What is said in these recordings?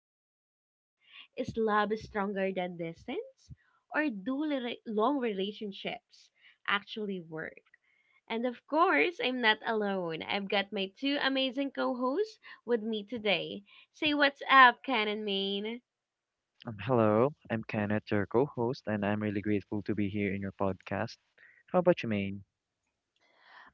in their lives. Is love stronger than distance? Or do long relationships actually work? And of course, I'm not alone. I've got my two amazing co hosts with me today. Say what's up, Ken and Maine. Hello, I'm Kenneth, your co-host, and I'm really grateful to be here in your podcast. How about you, Maine?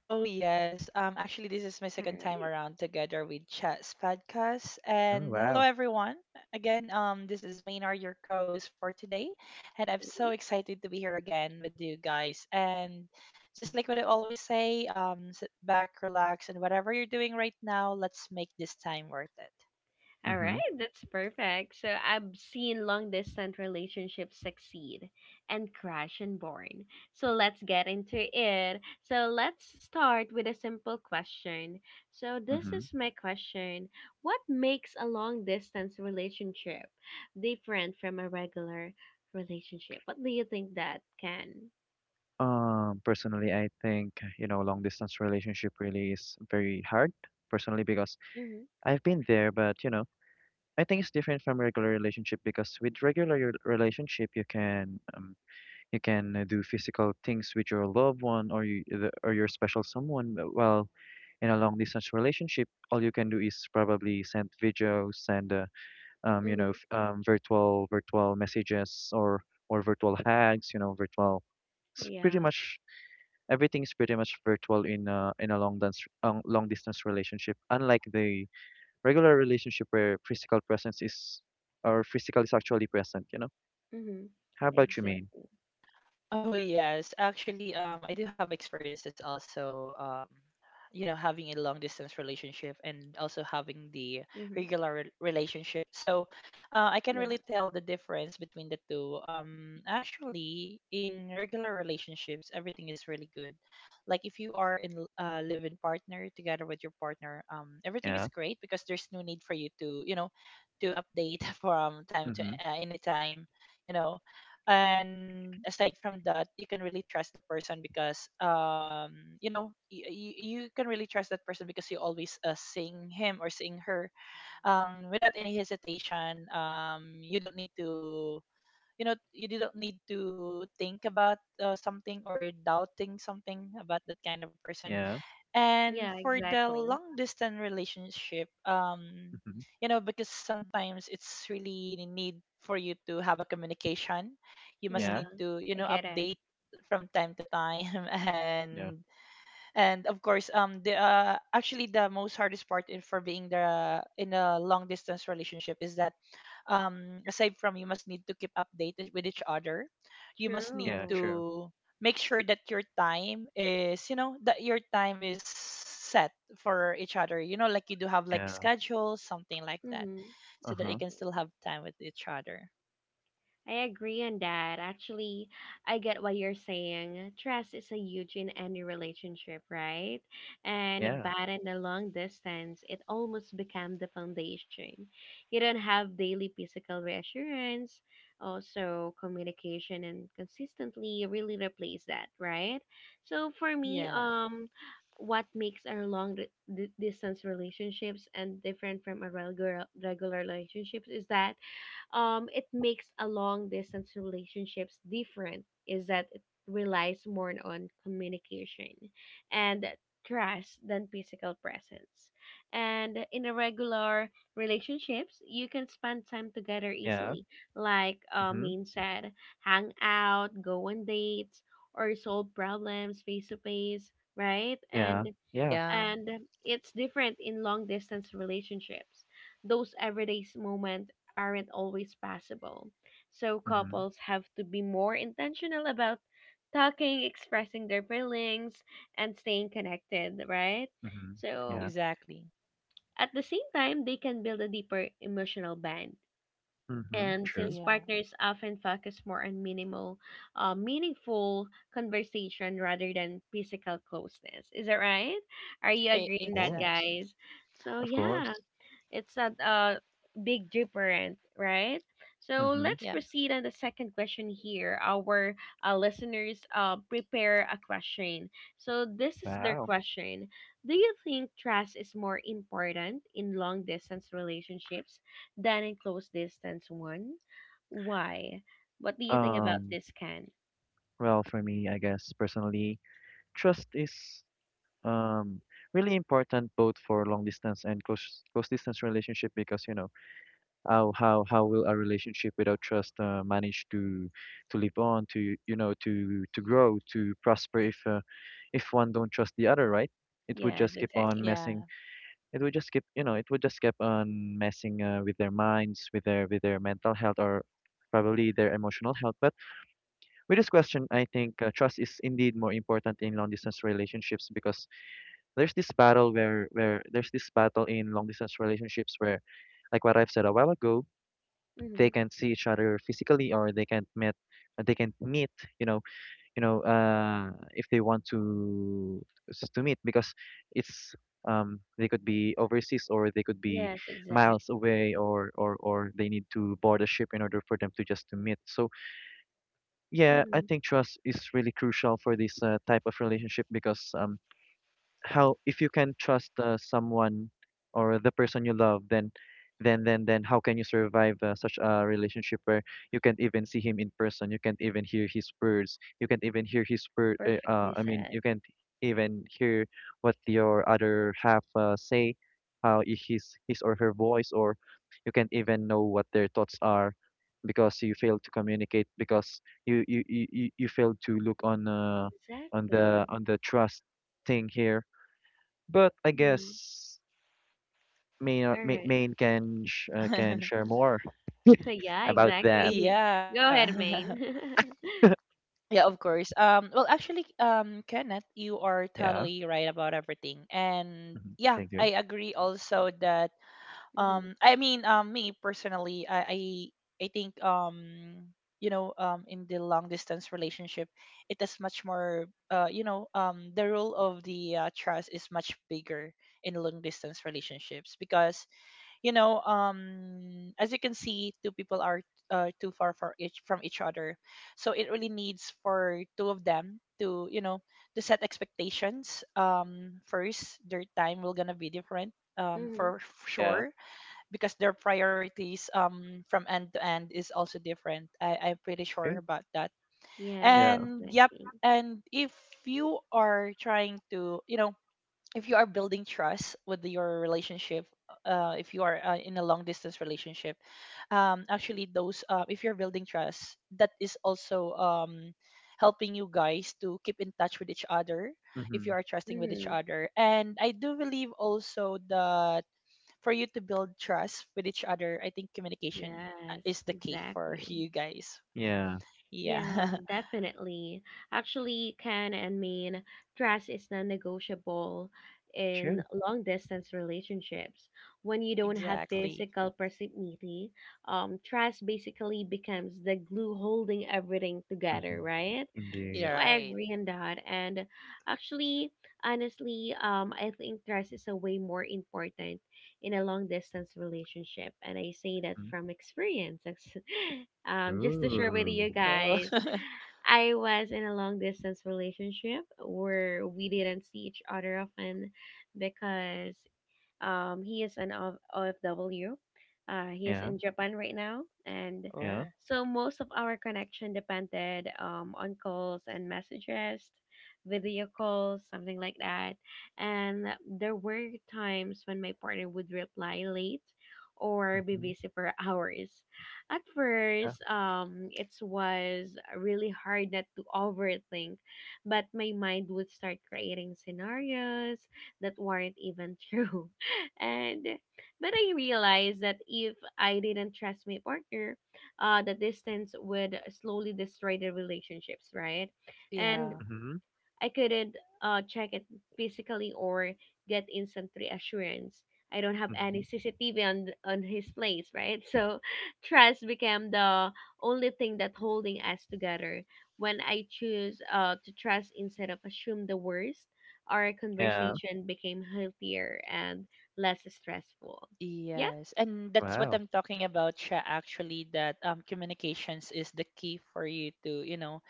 Oh yes. Actually this is my All second time right. around together with Chat's podcast. Oh, And hello wow. everyone. Again, this is Maynard, your co-host for today. And I'm so excited to be here again with you guys. And just like what I always say, sit back, relax, and whatever you're doing right now, let's make this time worth it. All right, Mm-hmm. that's perfect. So I've seen long distance relationships succeed and crash and burn. So let's get into it. So let's start with a simple question. So this Mm-hmm. is my question. What makes a long distance relationship different from a regular relationship? What do you think that can? Personally, I think, you know, long distance relationship really is very hard, personally, because Mm-hmm. I've been there, but, you know, I think it's different from regular relationship because with regular relationship, you can do physical things with your loved one or or your special someone. But While in a long distance relationship, all you can do is probably send videos, send you know, Mm-hmm. Virtual messages or virtual hags, you know, virtual. It's pretty Yeah. much everything is pretty much virtual in a long distance relationship. Unlike the regular relationship where physical presence is or physical is actually present, you know. Mm-hmm. How about you, Maine? Exactly. Oh yes, actually, I do have experiences also. You know, having a long distance relationship and also having the Mm-hmm. regular relationship. So, I can Yeah. really tell the difference between the two. Actually, in regular relationships, everything is really good. Like if you are in a live-in partner together with your partner, everything is Yeah. great because there's no need for you to, you know, to update from time to Mm-hmm. Any time. You know, and aside from that you can really trust the person because you know you can really trust that person because you always sing him or sing her without any hesitation, you don't need to, you know, you don't need to think about something or you're doubting something about that kind of person. Yeah. Yeah, And for the exactly. long distance relationship, Mm-hmm. you know, because sometimes it's really need for you to have a communication, you must Yeah, Yeah. need to, you I know, get it. update from time to time Yeah. and and of course, the actually the most hardest part in, for being the in a long distance relationship is that, aside from you must need to keep updated with each other, you must need Yeah. True. True. to make sure that your time is, you know, that your time is set for each other. You know, like you do have like Yeah. schedules, something like that, Mm-hmm. so Uh that you huh. can still Exactly. have time with each other. I agree on that. Actually, I get what you're saying. Trust is a huge in any relationship, right? And Yeah. but in the long distance, it almost becomes the foundation. You don't have daily physical reassurance. Also, communication and consistently really replace that, right? So for me, Yeah. What makes our distance relationships and different from a regular relationships is that it makes a long distance relationships different is that it relies more on communication and trust than physical presence. And in a regular relationships, you can spend time together Yeah. easily, like Mm-hmm. Min said, hang out, go on dates, or solve problems face to face, right? Yeah. And Yeah. Yeah, and it's different in long distance relationships. Those everyday moments aren't always possible. So Mm-hmm. couples have to be more intentional about talking, expressing their feelings, and staying connected, right? Mm-hmm. So Yeah. exactly. at the same time, they can build a deeper emotional bond. Mm-hmm. And True. since Yeah, partners often focus more on minimal, meaningful conversation rather than physical closeness. Is that right? Are you e- Of agreeing that, course. exactly. guys? So, Of yeah. course. It's not a big different, right? So Hmm. let's Yeah, proceed on the second question here. Our listeners prepare a question. So this is their Wow. question. Do you think trust is more important in long distance relationships than in close distance one? Why? What do you think about Um, this, Ken? well, for me, I guess personally, trust is um really important both for long distance and close distance relationship because you know how how will a relationship without trust manage to live on to you know to grow to prosper if one don't trust the other, right? It would Yes, just keep on exactly. messing yeah. it would just keep you know it would just keep on messing with their minds with their mental health or probably their emotional health. But with this question, I think trust is indeed more important in long distance relationships because there's this battle where there's this battle in long distance relationships where like what I've said a while ago, they Mm-hmm. can't see each other physically or they can't meet they can't meet. You know, you know, if they want to to meet because it's they could be overseas or they could be Yes, exactly. miles away or or they need to board a ship in order for them to just to meet. So yeah, I Mm-hmm. think trust is really crucial for this type of relationship because how if you can trust someone or the person you love, then how can you survive such a relationship where you can't even see him in person, you can't even hear his words, you can't even hear his word Perfectly I mean, said. you can't even hear what your other half say, how his or her voice, or you can't even know what their thoughts are because you fail to communicate because you fail to look Exactly. on the trust thing here. But I Mm-hmm. guess All right. Maine can sh can share more Yeah, about that. exactly. Yeah. Go ahead, Maine. Yeah, of course. Well, actually, Kenneth, you are Yeah. totally right about everything. And Mhm. yeah, Thank you. I agree also that, hmm me personally, I think, you know, in the long distance relationship it is much more, you know, the role of the trust is much bigger in long distance relationships, because you know, as you can see, two people are too far for each from each other, so it really needs for two of them to, you know, to set expectations. First, their time will gonna be different, hmm for Yeah. sure, because their priorities, from end to end is also different. I'm pretty sure True. about that. Yes, Yeah. And yep. exactly. And if you are trying to, you know, if you are building trust with your relationship, if you are in a long distance relationship, actually those if you're building trust, that is also, helping you guys to keep in touch with each other. If you Hmm. are trusting with each hmm other, and I do believe also that for you to build trust with each other, I think communication is Yes, the key for exactly. you guys. Yeah. Yeah, Yeah. definitely. Actually, can and mean trust is non-negotiable in True. long-distance relationships. When you don't have Exactly. physical proximity, trust basically becomes the glue holding everything together, Hmm. right? Indeed. So You're I right. agree on that. And actually, honestly, I think trust is a way more important in a long distance relationship. And I say that Mm. from experience. Just to share with Ooh. you guys, Oh. I was in a long distance relationship where we didn't see each other often because he is an OFW. He is Yeah. in Japan right now, and Yeah. Oh, so most of our connection depended on calls and messages, video calls, something like that. And there were times when my partner would reply late or be Hmm. busy for hours. At Yeah. first, it was really hard not to overthink, but my mind would start creating scenarios that weren't even true, and but I realized that if I didn't trust my partner, the distance would slowly destroy the relationships, right? And yeah. Hmm. I couldn't check it physically or get instant reassurance. I don't have Hmm. any CCTV on his place, right? So trust became the only thing that holding us together. When I choose to trust instead of assume the worst, our Yeah. conversation became healthier and less stressful. Yeah, Yes, and that's what Wow. I'm talking about, Sha, actually, that communications is the key for you to, you know,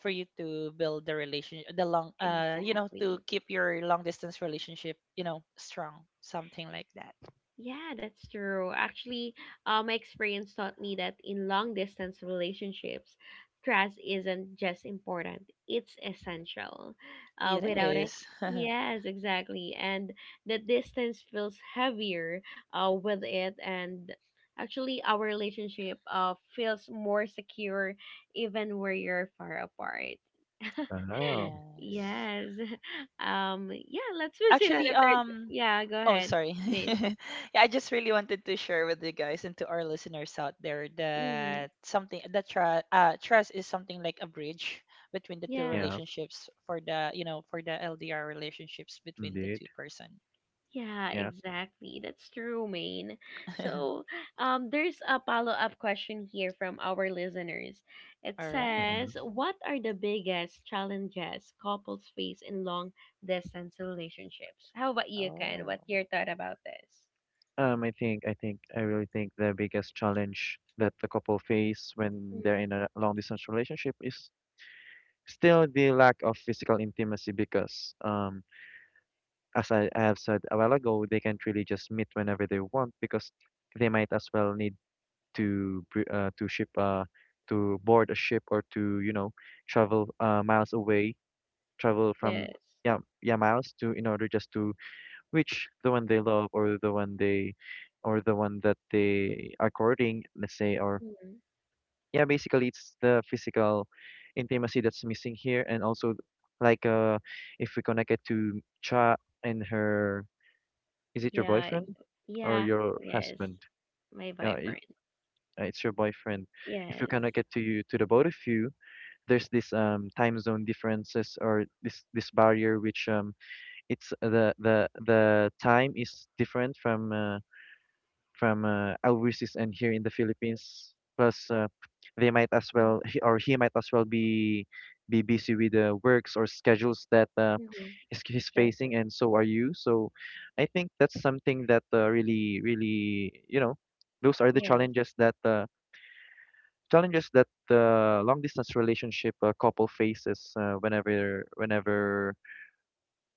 for you to build the relationship, the long, you know, to exactly. keep your long distance relationship, you know, strong, something like that. Yeah, that's true. Actually, my experience taught me that in long distance relationships, trust isn't just important, it's essential. It Without it, is. yes, exactly. And the distance feels heavier with it. And actually, our relationship feels more secure even where you're far apart. Wow. Yes. Yes. Yeah, let's proceed on Actually, the third. Yeah, go Oh, ahead, sorry. Main. Yeah, I just really wanted to share with you guys and to our listeners out there Mm, that something that trust is something like a bridge between the two yes. Yeah. relationships for the, you know, for the LDR relationships between the Indeed. two person. Yeah, Yeah. exactly. That's true, Maine. So, there's a follow-up question here from our listeners. It All right. Hmm. says, "What are the biggest challenges couples face in long-distance relationships?" How about you, Ken? Oh. What's your thought about this? Um, I think I really think the biggest challenge that the couple face when Mm, they're in a long distance relationship is still the lack of physical intimacy because, as I have said a while ago, they can't really just meet whenever they want because they might as well need to to ship to board a ship or to you know travel miles away, travel from yes. yeah yeah miles to in order just to reach the one they love or the one they or the one that they are courting, let's say, or Mm, yeah, basically it's the physical intimacy that's missing here. And also, like if we connect it to Cha and her, is it your yeah. boyfriend or Yeah. your Yes. husband? My Uh, i- vibrant. It's your boyfriend. If you Yes. cannot get to you to the both of you, there's this time zone differences or this barrier which it's the time is different from overseas and here in the Philippines. Plus, they might as Yeah. well or he might as well be busy with the works or schedules that Mhm. He's Exactly. facing, and so are you. So, I think that's something that really, you know, those are the Yes. challenges that the long distance relationship couple faces whenever,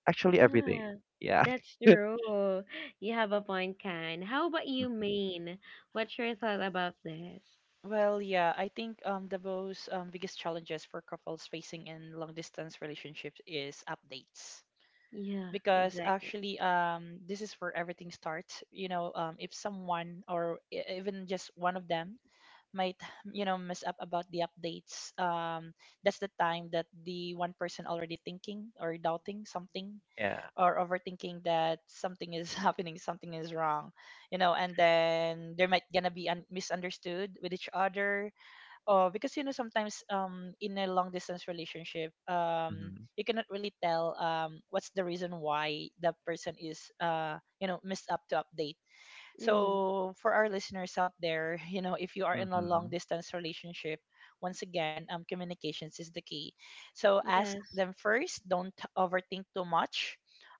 actually every day. Yeah, Yeah. that's true. You have a point, Kan. How about you, Mhm. Maine? What's your thought about this? Well, yeah, I think, the most, biggest challenges for couples facing in long distance relationships is updates. Yeah, Because exactly. actually, this is where everything starts. You know, if someone or even just one of them might, you know, mess up about the updates, that's the time that the one person already thinking or doubting something Yeah. or overthinking that something is happening, something is wrong, you know, and then there might gonna be misunderstood with each other. Oh, because you know, sometimes in a long distance relationship, Mm-hmm. you cannot really tell what's the reason why the person is, you know, missed up to update. Mm, So for our listeners out there, you know, if you are in a Mm-hmm. long distance relationship, once again, communications is the key. So ask yes. them first. Don't overthink too much.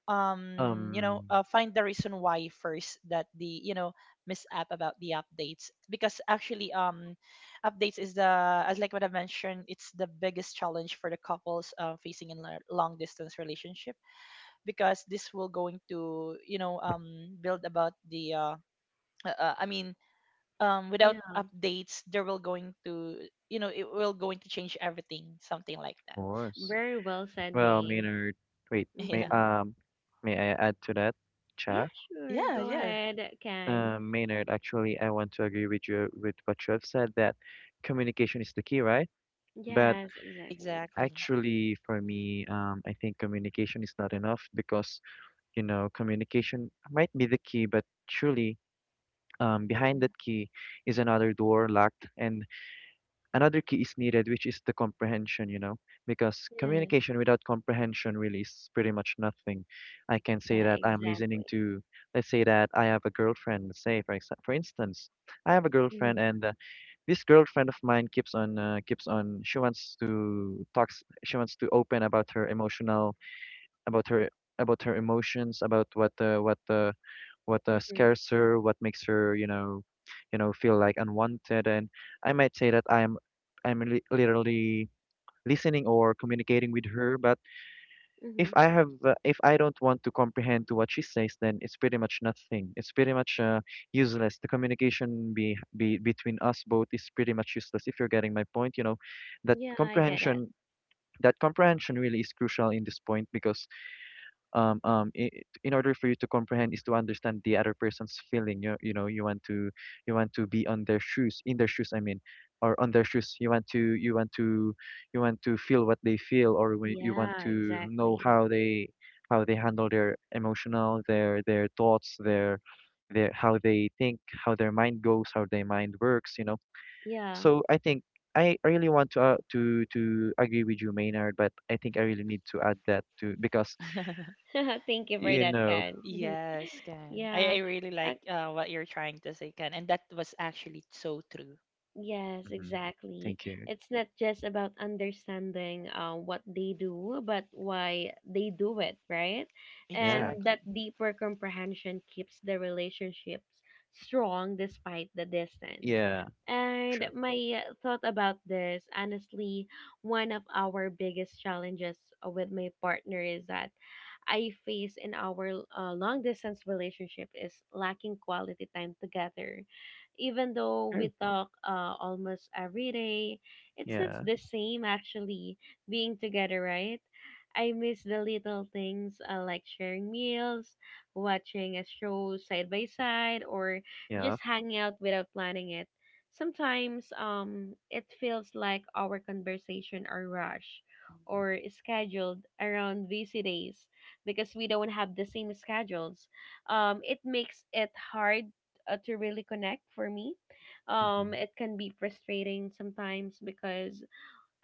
You know, Um, find the reason why first that the, you know, miss app about the updates. Because actually, updates is the, as like what I mentioned, it's the biggest challenge for the couples facing in a long distance relationship. Because this will going to, you know, build about the, I mean, without Yeah, updates, there will going to, you know, it will going to change everything, something like of that. course. very well said, Well, Maine. Maynard, wait, Mm-hmm. May I add to that, Yeah, Cha? sure. Yeah, yeah, Go yeah, ahead, Kan. Maynard, actually, I want to agree with you with what you have said that communication is the key, right? But Yes, exactly. exactly. actually, for me, I think communication is not enough because, you know, communication might be the key, but truly, behind Mm, that key is another door locked, and another key is needed, which is the comprehension, you know, because yes. communication without comprehension really is pretty much nothing. I can say Yeah, that I'm listening exactly. to, let's say that I have a girlfriend, say for for instance, I have a girlfriend, Mm-hmm. and this girlfriend of mine keeps on She wants to talks. She wants to open about her emotional, about her about her emotions, about what Mm-hmm. scares her, what makes her, you know, feel like unwanted. And I might say that I'm literally listening or communicating with her. But if Mm-hmm. I if I don't want to comprehend to what she says, then it's pretty much nothing. It's pretty much useless. The communication be between us both is pretty much useless. If you're getting my point, you know, that Yeah, I get it. comprehension. That comprehension really is crucial in this point because I in order for you to comprehend is to understand the other person's feeling. You know, you want to be in their shoes. I mean, or on their shoes. You want to you want to feel what they feel, or you want Yeah, to know exactly. How they handle their emotional, their thoughts, their how they think, how their mind goes, how their mind works. You know, Yeah. so I think. I really want to to agree with you, Maynard, but I think I really need to add that to because Thank you for you that, know Kan. Yes, Ken. I Yeah. really like what you're trying to say, Ken, and that was actually so true. Yes, Mhm. exactly. Thank you. It's not just about understanding what they do, but why they do it, right? And Yeah. Exactly. that deeper comprehension keeps the relationships strong despite the distance. Yeah. And Sure. my thought about this, honestly, one of our biggest challenges with my partner is that I face in our long distance relationship is lacking quality time together. Even though True. we talk almost every day, it's not Yeah. the same actually being together, right? I miss the little things like sharing meals, watching a show side by side, or Yeah. just hanging out without planning it. Sometimes it feels like our conversation are rushed or scheduled around busy days because we don't have the same schedules. It makes it hard to really connect for me. Hmm. It can be frustrating sometimes because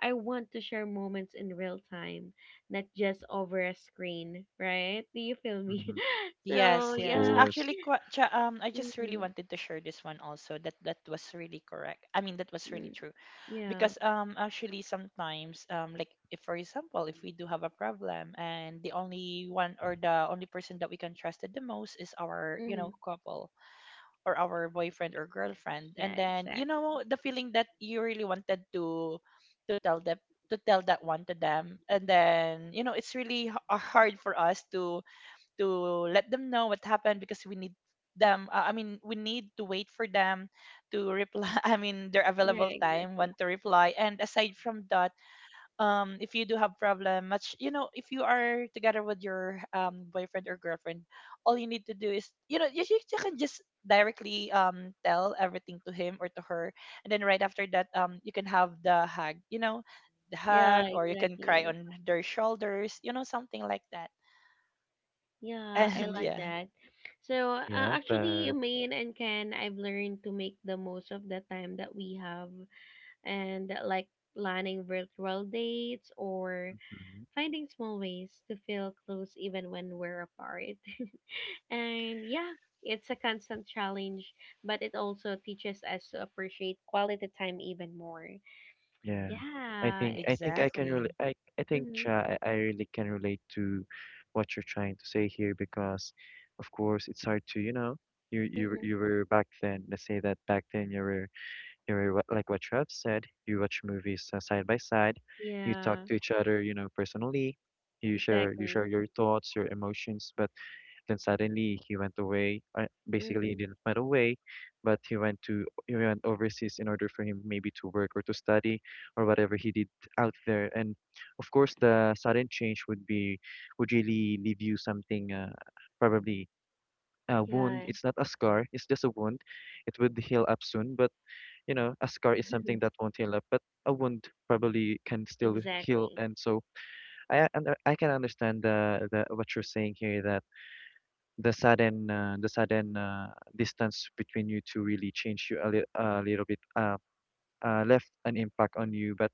I want to share moments in real time, not just over a screen, right? Do you feel me? Hmm. So Yes, Of yes. yeah, course. Actually, I just really mm-hmm. wanted to share this one also. That that was really correct. I mean, that was really Mm. true. Yeah. Because actually sometimes like if for example, if we do have a problem and the only one or the only person that we can trust it the most is our, you Mm-hmm. know, couple or our boyfriend or girlfriend, Yeah, and then you exactly. know the feeling that you really wanted to tell them, to tell that one to them, and then you know it's really hard for us to let them know what happened, because we need them, I mean we need to wait for them to reply I mean their Yeah, available time exactly. when to reply. And aside from that, if you do have problem much, you know, if you are together with your boyfriend or girlfriend, all you need to do is, you know, you can just directly tell everything to him or to her, and then right after that, you can have the hug, you know, the Yeah, hug, or you can cry exactly. on their shoulders, you know, something like that. Yeah, I And like yeah. that. So, Yeah, actually, but Maine and Ken, I've learned to make the most of the time that we have and like planning virtual dates or mhm. finding small ways to feel close even when we're apart. And yeah, it's a constant challenge, but it also teaches us to appreciate quality time even more. Yeah. I Yeah. think I think I can Exactly. really I think, Mm-hmm. Cha, I really can relate to what you're trying to say here because of course it's hard to, you know, you Mm-hmm. you were back then, let's say that back then you were you know, like what Trev said, you watch movies side by side, you talk Yeah, to each other, you know, personally, you share exactly. your thoughts, your emotions, but then suddenly he went away. Basically, he Mm-hmm. didn't went away, but he went to he went overseas in order for him maybe to work or to study or whatever he did out there. And of course, the sudden change would really leave you something probably a wound. Yeah, It's not a scar; it's just a wound. It would heal up soon, but you know, a scar is something that won't heal up, but a wound probably can still heal. exactly. And so I and I can understand the what you're saying here that the sudden distance between you two really changed you a little bit left an impact on you. But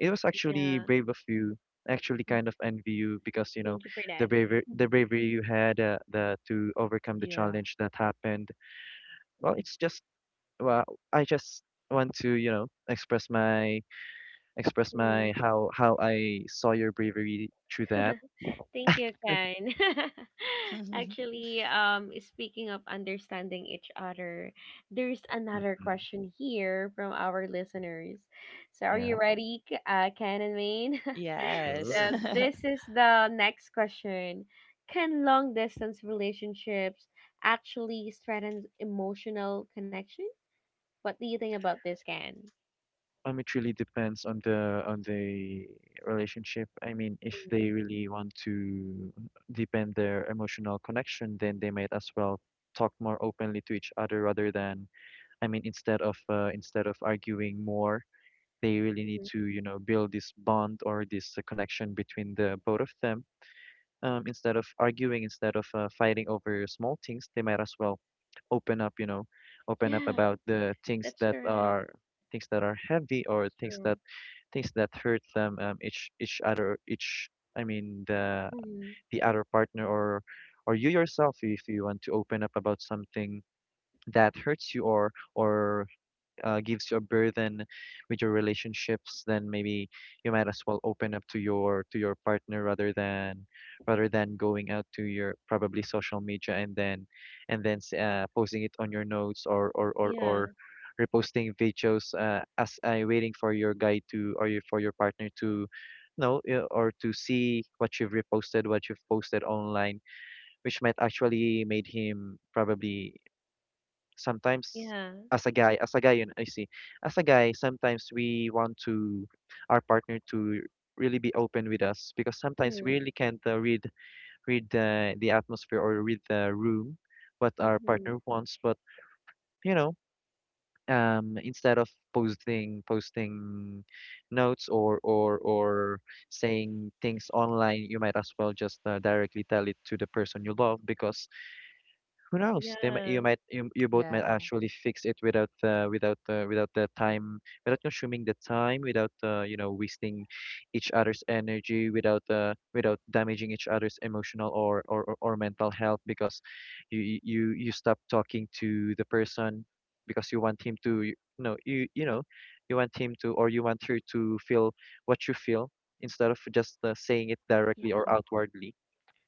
it was actually Yeah. brave of you. I Actually, kind of envy you because you know Thank you for that. The bravery you had the to overcome the Yeah. challenge that happened. Well, it's just well, I just want to you know express Mm. my how I saw your bravery through that. Thank you, Ken. Actually, speaking of understanding each other, there's another Mhm. question here from our listeners. So, are Yeah, you ready, Ken and Maine? Yes. So, sure. this is the next question. Can long distance relationships actually strengthen emotional connection? What do you think about this, Ken? It really depends on the relationship. I mean, if Mhm, they really want to deepen their emotional connection, then they might as well talk more openly to each other rather than, I mean, instead of arguing more, they really need mhm. to, you know, build this bond or this connection between the both of them. Instead of arguing, instead of fighting over small things, they might as well open up, open up Yeah, about the that's correct. Things that are heavy or That's things that true. Hurt them, each other, each I mean Hmm the other partner, or you yourself if you want to open up about something that hurts you or gives you a burden with your relationships. Then maybe you might as well open up to your partner rather than going out to your probably social media and then posting it on your notes or or or Yeah, or reposting videos as waiting for your guy to, or for your partner to know, or to see what you've reposted, what you've posted online, which might actually made him probably sometimes. yeah. As a guy, as a guy, you know, I see. As a guy, sometimes we want to our partner to really be open with us because sometimes we Mm. really can't read read the atmosphere, or read the room, what our Mm-hmm. partner wants. But you know, instead of posting notes or saying things online, you might as well just directly tell it to the person you love, because who knows? They might, you Yeah, might, you both might Yeah. actually fix it without the time, without consuming the time, without you know wasting each other's energy, without damaging each other's emotional or mental health, because you stop talking to the person because you want him to, you know, you know you want him to, or you want her to feel what you feel, instead of just saying it directly or yeah, outwardly,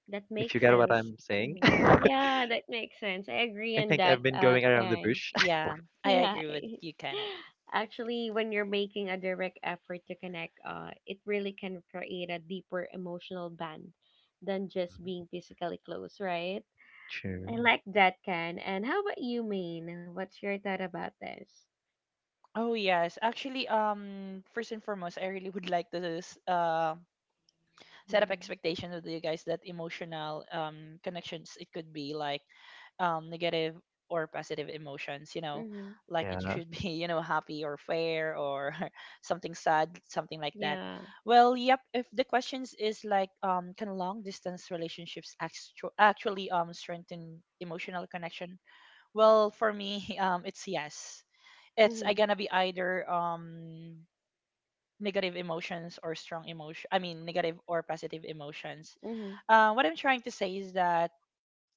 that if you makes get what sense. I'm saying. Mm-hmm. Yeah, that makes sense. I agree I on think that, I've been going around the Karen. bush. Yeah, I Yeah, agree with you, Kenneth. actually, when you're making a direct effort to connect, it really can create a deeper emotional bond than just Mhm. being physically close, right? I True. like that, Ken. And how about you, Maine? What's your thought about this? Oh yes. Actually, first and foremost, I really would like to set up Mm-hmm. expectation with you guys that emotional, connections, it could be like, negative or positive emotions, you know, Mm-hmm. like it Yeah, should be, you know, happy or fair or something sad, something like that. Yeah. Well, yep, if the questions is like, can long distance relationships actually strengthen emotional connection, well, for me, it's yes. It's I Mm-hmm. gonna be either, negative emotions or strong emotion, I mean negative or positive emotions. Mm-hmm. What I'm trying to say is that,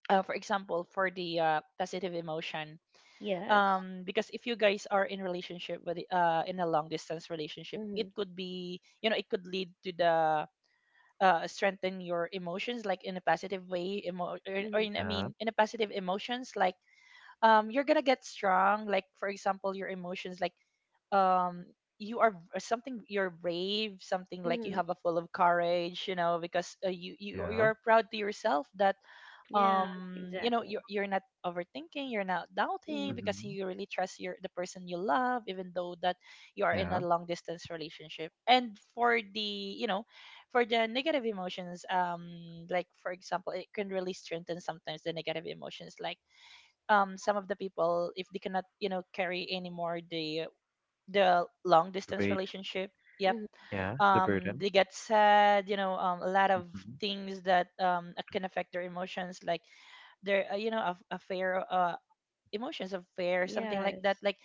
for example, for the positive emotion, Yes. Because if you guys are in relationship with, in a long distance relationship, Mm-hmm. it could be, you know, it could lead to the strengthen your emotions like in a positive way emo- or Mm-hmm. in I yeah, mean in a positive emotions, like, you're gonna get strong, like for example your emotions like, um you are v- something you're brave, something like you Mm-hmm. have a full of courage, you know, because, yeah. you're proud to yourself that, Yeah, you know, exactly. You're not overthinking, you're not doubting, Mm-hmm. because hmm you really trust your the person you love, even though that you are in a Yeah. long distance relationship. And for the, you know, for the negative emotions, like for example, it can really strengthen sometimes the negative emotions, like, some of the people, if they cannot, you know, carry anymore the long The distance weight. relationship, yep, hmm Yeah, the burden. they get sad. You know, a lot of Hmm things that, can affect their emotions, like their, you know, a fear, emotions of fear, something like Yes. that. Like,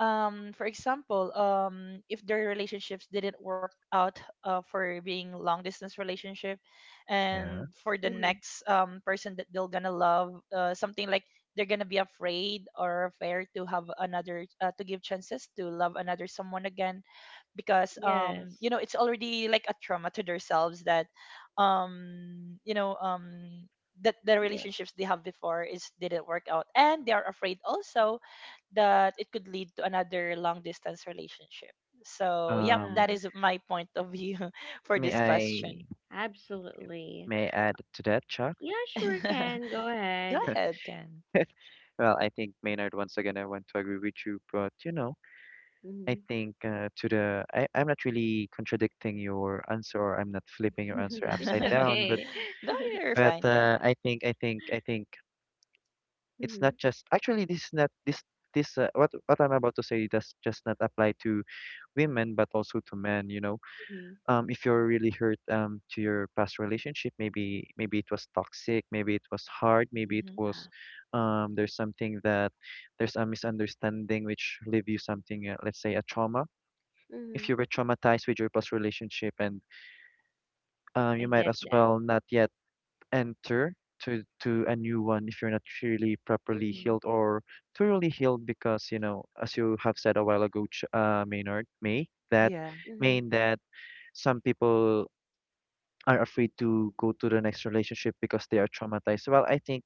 for example, if their relationships didn't work out, for being long distance relationship, Yeah. and for the Mm-hmm. next, person that they're gonna love, something like, they're gonna be afraid, or afraid to have another, to give chances to love another someone again. Because, Yes. you know, it's already like a trauma to themselves, that, you know, that the Yeah. relationships they have before is didn't work out, and they are afraid also that it could lead to another long distance relationship. So yep, Um, that Yeah. is my point of view for may this I question. Absolutely. may I add to that, Chuck? Yeah, sure can. Go Go ahead. ahead, Ken. Well, I think, Maynard, once again I want to agree with you, but you know, I Mm-hmm. think I'm not really contradicting your answer, or I'm not flipping your answer It's upside down, but okay. No, you're fine, Ken. I think it's Mm-hmm. not just actually, this is not this what I'm about to say does just not apply to women, but also to men. You know, Mm-hmm. If you're really hurt to your past relationship, maybe maybe it was toxic, maybe it was hard, maybe it Hmm. was Ah, there's something that there's a misunderstanding which leave you something, let's say a trauma. If mm-hmm. you were traumatized with your past relationship, and you I might get as that. well not yet enter to a new one if you're not really properly Mm-hmm. healed, or thoroughly healed, because you know, as you have said a while ago, Maynard May, that Yeah, Mm-hmm. mean that some people are afraid to go to the next relationship because they are traumatized. Well, I think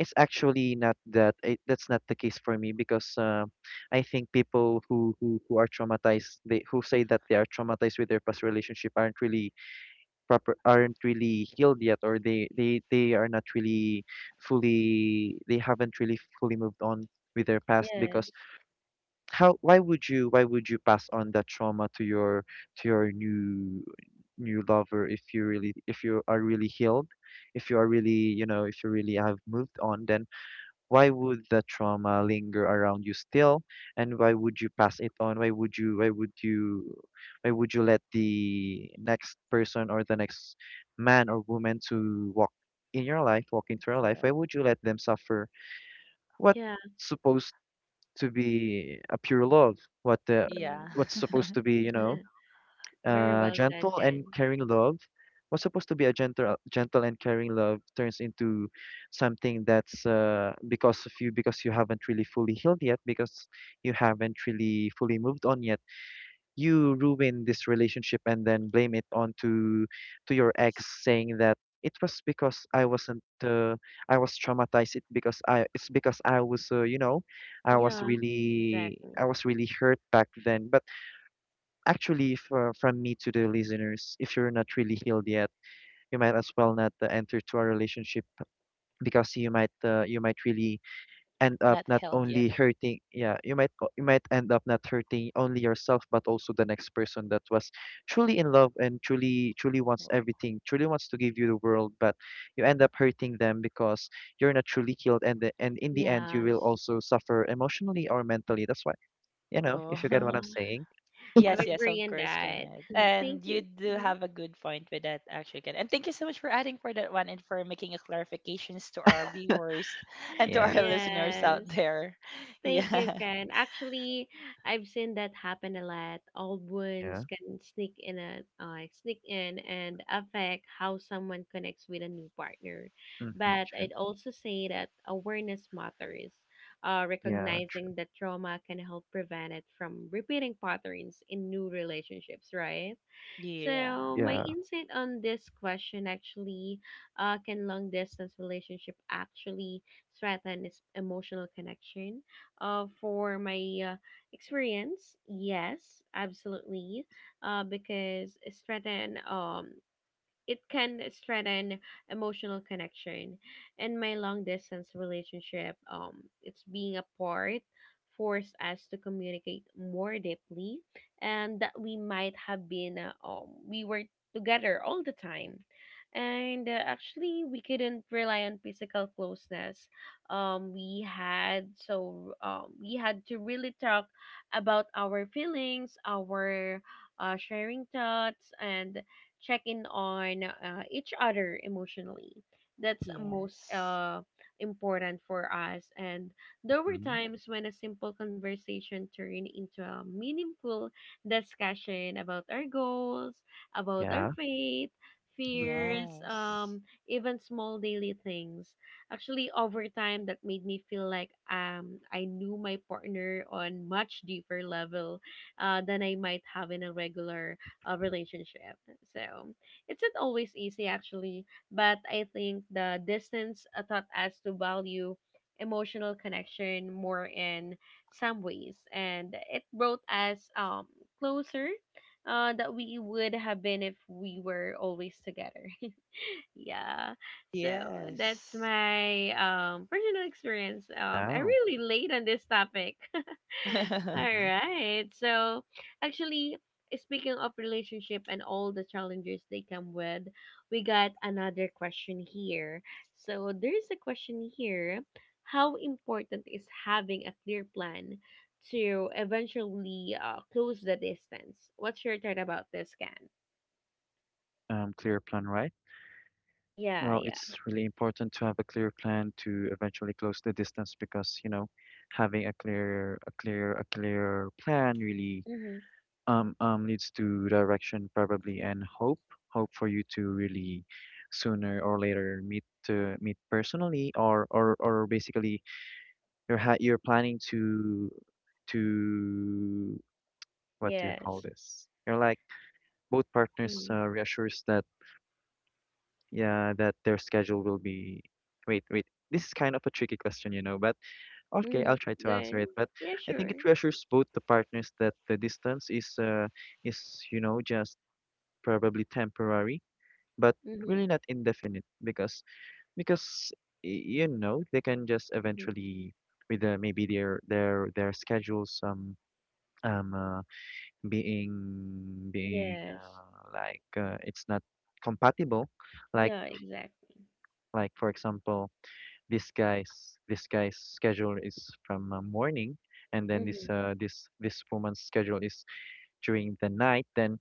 it's actually not that, that's not the case for me, because I think people who, who are traumatized, they who say that they are traumatized with their past relationship, aren't really proper aren't really healed yet, or they are not really fully, they haven't really fully moved on with their past. Yes. Because how, why would you, why would you pass on that trauma to your new new lover, if you really, if you are really healed, if you are really, you know, if you really have moved on, then why would the trauma linger around you still, and why would you pass it on, why would you, why would you, why would you let the next person, or the next man or woman, to walk in your life, walk into your life, why correct. would you let them suffer what's Yeah. supposed to be a pure love, what the Mm-hmm. Yeah. what's supposed to be, you know, Very well said, gentle Ken. and caring love, was supposed to be a gentle gentle and caring love, turns into something that's because of you, because you haven't really fully healed yet, because you haven't really fully moved on yet, you ruin this relationship and then blame it on to your ex, S- saying that it was because I wasn't I was traumatized, it because I, it's because I was you know, Yeah, exactly. I was really hurt back then, but actually, for, from me to the listeners, if you're not really healed yet, you might as well not enter to a relationship, because you might really end up Not not held yet. only hurting, yeah, you might o- you might end up not hurting only yourself, but also the next person that was truly in love, and truly wants Wo- everything, truly wants to give you the world, but you end up hurting them because you're not truly healed, and and in the end you will Yes. also suffer emotionally or mentally. That's why, you know, Oh. if you get what Yeah. I'm saying. I am Yes, yes, of agreeing course, that. Kenneth. Thank And you you. do Mhm. have a good point with that, actually, Kenneth. And thank you so much for adding for that one and for making a clarifications to our viewers and to our Yeah listeners Yes. out there. Thank you, Yeah. Ken. Actually, I've seen that happen a lot. Old yeah wounds can sneak in and affect how someone connects with a new partner. hmm But I'd also say that awareness matters. Yeah, true. Recognizing that trauma can help prevent it from repeating patterns in new relationships, right? Yeah. So my Yeah. insight on this question actually, can long distance relationship actually threaten its emotional connection? For my experience, yes, absolutely. Because it's threaten it can strengthen emotional connection. And my long distance relationship, it's being apart forced us to communicate more deeply and that we might have been we were together all the time, and actually we couldn't rely on physical closeness. We had so we had to really talk about our feelings, our sharing thoughts and check in on each other emotionally. That's most Yes. Important for us. And there were Mhm. times when a simple conversation turned into a meaningful discussion about our goals, about our Yeah. faith, Mhm. fears, Yes. Even small daily things. Actually, over time, that made me feel like I knew my partner on much deeper level than I might have in a regular relationship. So it's not always easy, actually, but I think the distance taught us to value emotional connection more in some ways, and it brought us closer. That we would have been if we were always together. Yeah. So that's Yes. my personal experience. Um, I Wow. really late on this topic. All Mhm. right. So, actually, speaking of relationship and all the challenges they come with, we got another question here. So, there's a question here. How important is having a clear plan to eventually close the distance? What's your thought about this, Can? Clear plan, right? Yeah, Well, yeah. it's really important to have a clear plan to eventually close the distance, because, you know, having a clear plan really Mm-hmm. Leads to direction, probably, and hope, hope for you to really sooner or later meet, to meet personally, or basically you're ha, you're planning to to what do you Yes. call this? You're like both partners Mm-hmm. Reassures that, yeah, that their schedule will be, wait, wait, this is kind of a tricky question, you know, but okay, Mm-hmm. I'll try to Good. answer it. But Yeah, I sure. think it reassures both the partners that the distance is is you know, just probably temporary, but Mm-hmm. really not indefinite, because because you know, they can just Mm-hmm. eventually with maybe their schedules um uh, being being Yes. uh, like it's not compatible. Like Yeah, exactly. For example, this guy's schedule is from morning, and then Mm-hmm. This woman's schedule is during the night, then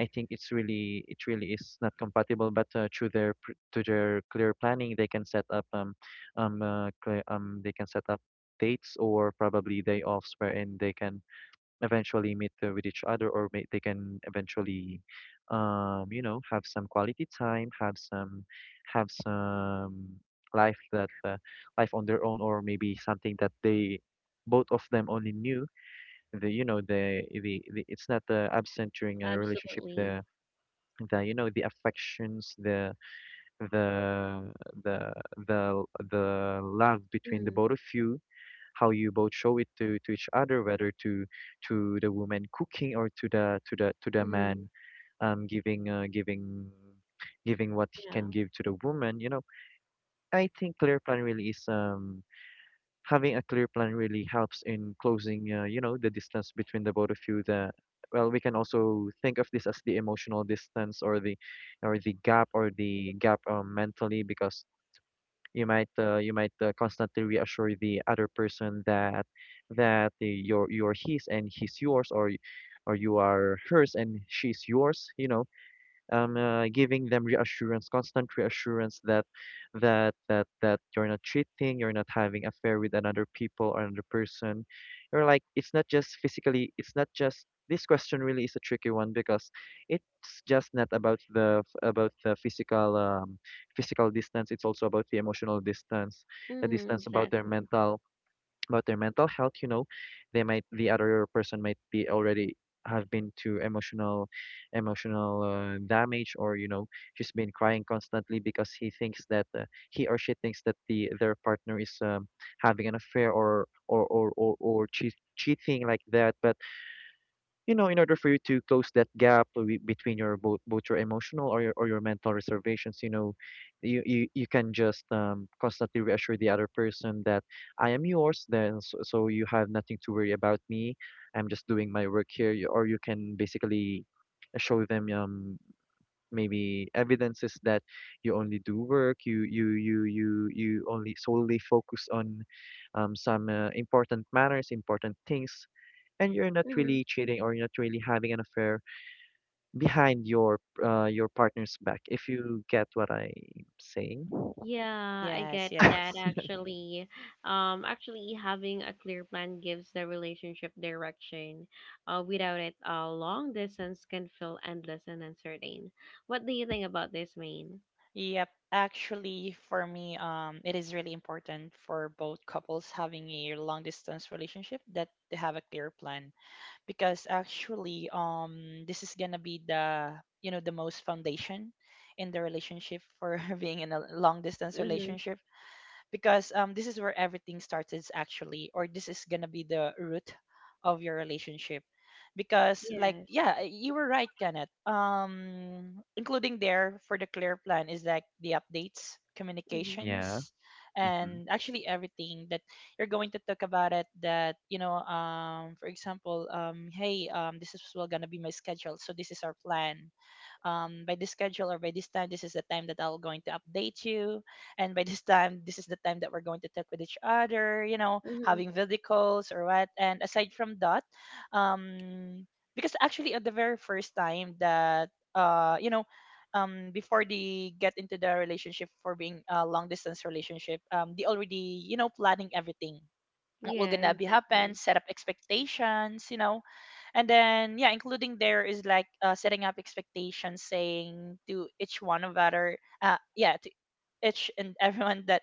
I think it's really, it really is not compatible, but through their pr-, to their clear planning, they can set up they can set up dates, or probably day offs, wherein they can eventually meet with each other, or may, they can eventually you know, have some quality time, have some, have some life that life on their own, or maybe something that they both of them only knew, the you know the it's not absent during a relationship, Absolutely. The you know, the affections, the the the the the love between the Mm-hmm. both of you, how you both show it to each other, whether to the woman cooking, or to the to the to the Mm-hmm. man um, giving uh, giving giving what he Yeah. can give to the woman. You know, I think clear plan really is, having a clear plan really helps in closing, you know, the distance between the both of you. The well, we can also think of this as the emotional distance, or the gap, or the gap, mentally, because you might constantly reassure the other person that you're his and he's yours, or you are hers and she's yours, you know, giving them reassurance, constant reassurance that that you're not cheating, you're not having affair with another people, or another person. You're like, it's not just physically, it's not just, this question really is a tricky one, because it's just not about the about the physical physical distance. It's also about the emotional distance, the Mm-hmm. distance about their Exactly. mental, about their mental health, you know, they might, the other person might be already have been to emotional emotional damage, or you know, she's been crying constantly because he thinks that he or she thinks that their partner is having an affair, or cheat, cheating like that. But you know, in order for you to close that gap, between your both both your emotional, or your mental reservations, you know, you can just constantly reassure the other person that I am yours. Then, so you have nothing to worry about me. I'm just doing my work here. Or you can basically show them maybe evidences that you only do work, you only solely focus on some important matters, important things, and you're not Mm-hmm. really cheating, or you're not really having an affair behind your partner's back, if you get what I'm saying. Yeah, I Yes, get that yes. actually. Actually, having a clear plan gives the relationship direction. Without it, long distance can feel endless and uncertain. What do you think about this, Maine? Yep. Actually, for me, it is really important for both couples having a long distance relationship that they have a clear plan because actually, this is gonna be the, you know, the most foundation in the relationship for being in a long distance Mm-hmm. relationship because this is where everything started actually, or this is gonna be the root of your relationship because like Yes. yeah you were right, Kenneth. Including there for the clear plan is like the updates Mm-hmm. Yeah. communications Mm-hmm. and actually everything that you're going to talk about it that you know. For example, hey, this is well gonna be my schedule, so this is our plan. By this schedule or by this time, this is the time that I'll going to update you, and by this time this is the time that we're going to talk with each other, you know, Mm-hmm. having video calls or what. And aside from that, um because actually at the very first time that you know, before they get into the relationship for being a long distance relationship, they already, you know, planning everything, what will Yeah, gonna be happen, exactly. set up expectations, you know. And then yeah, including there is like setting up expectations, saying to each one of other yeah, to each and everyone that,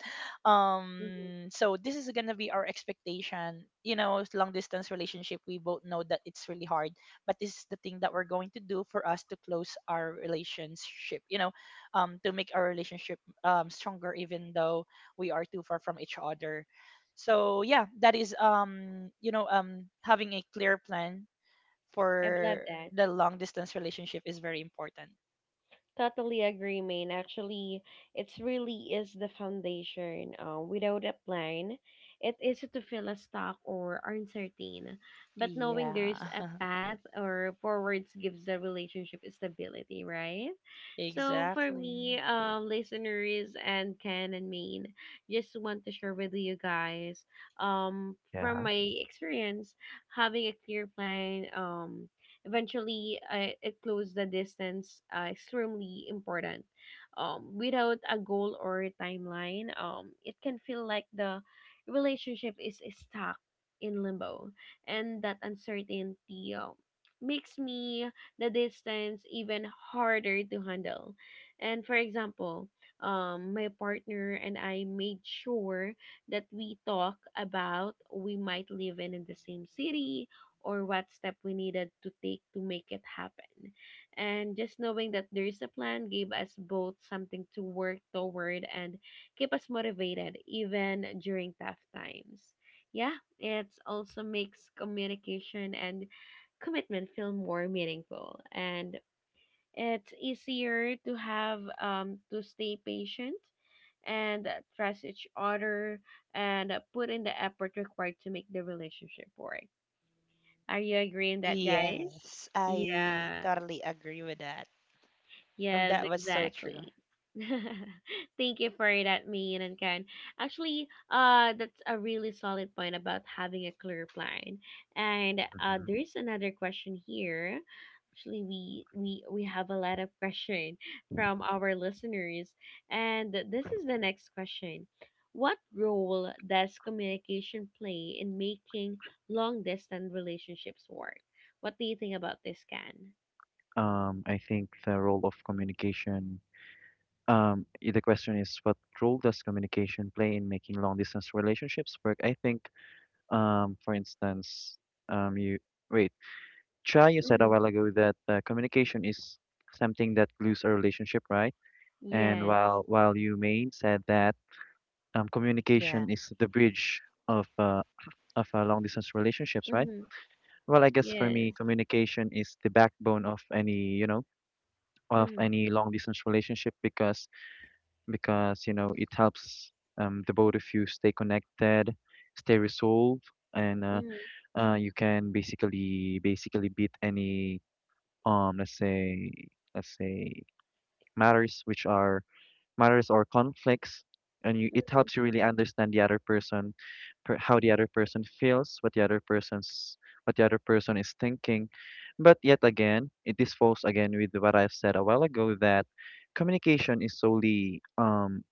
Mm-hmm. So this is gonna be our expectation, you know. It's long distance relationship, we both know that it's really hard, but this is the thing that we're going to do for us to close our relationship, you know. To make our relationship stronger even though we are too far from each other. So yeah, that is, you know, having a clear plan I've loved for that. the long distance relationship is very important. Totally agree, Maine. Actually, it's really is the foundation. Without a plan, it is to feel a stuck or uncertain. But knowing there's Yeah. a path or forwards gives the relationship stability, right? So for Exactly. me, listeners and Ken and Maine, just want to share with you guys, from yeah my experience, having a clear plan, eventually, it closed the distance extremely important. Without a goal or a timeline, it can feel like the relationship is stuck in limbo, and that uncertainty makes me the distance even harder to handle. And for example, my partner and I made sure that we talk about we might live in the same city or what step we needed to take to make it happen. And just knowing that there is a plan gave us both something to work toward and keep us motivated even during tough times. Yeah, it also makes communication and commitment feel more meaningful and it's easier to have to stay patient and trust each other and put in the effort required to make the relationship work. Are you agreeing that, guys? Yes, I Yeah. totally agree with that. And Yes, that was so true. exactly. Thank you for that, Mayan and Ken. Actually, that's a really solid point about having a clear plan. And Mm-hmm. there's another question here. Actually, we have a lot of question from our listeners, and this is the next question. What role does communication play in making long distance relationships work? What do you think about this, Ken? I think the role of communication. The question is, what role does communication play in making long distance relationships work? I think, for instance, um, you wait, Chai, you said a Mm-hmm. while ago that communication is something that glues a relationship, right? And Yes. While you may said that, Yeah. communication is the bridge of long distance relationships, right? Mm-hmm. Well, I guess for Yes. me, communication is the backbone of any of Mm-hmm. any long distance relationship because you know it helps the both of you stay connected, stay resolved, and Mm-hmm. You can basically beat any um let's say let's say matters which are matters or conflicts, and you it Mm-hmm. helps you really understand the other person how the other person feels, what the other person's what the other person is thinking. But yet again, it is falls again with what I've said a while ago, that communication is solely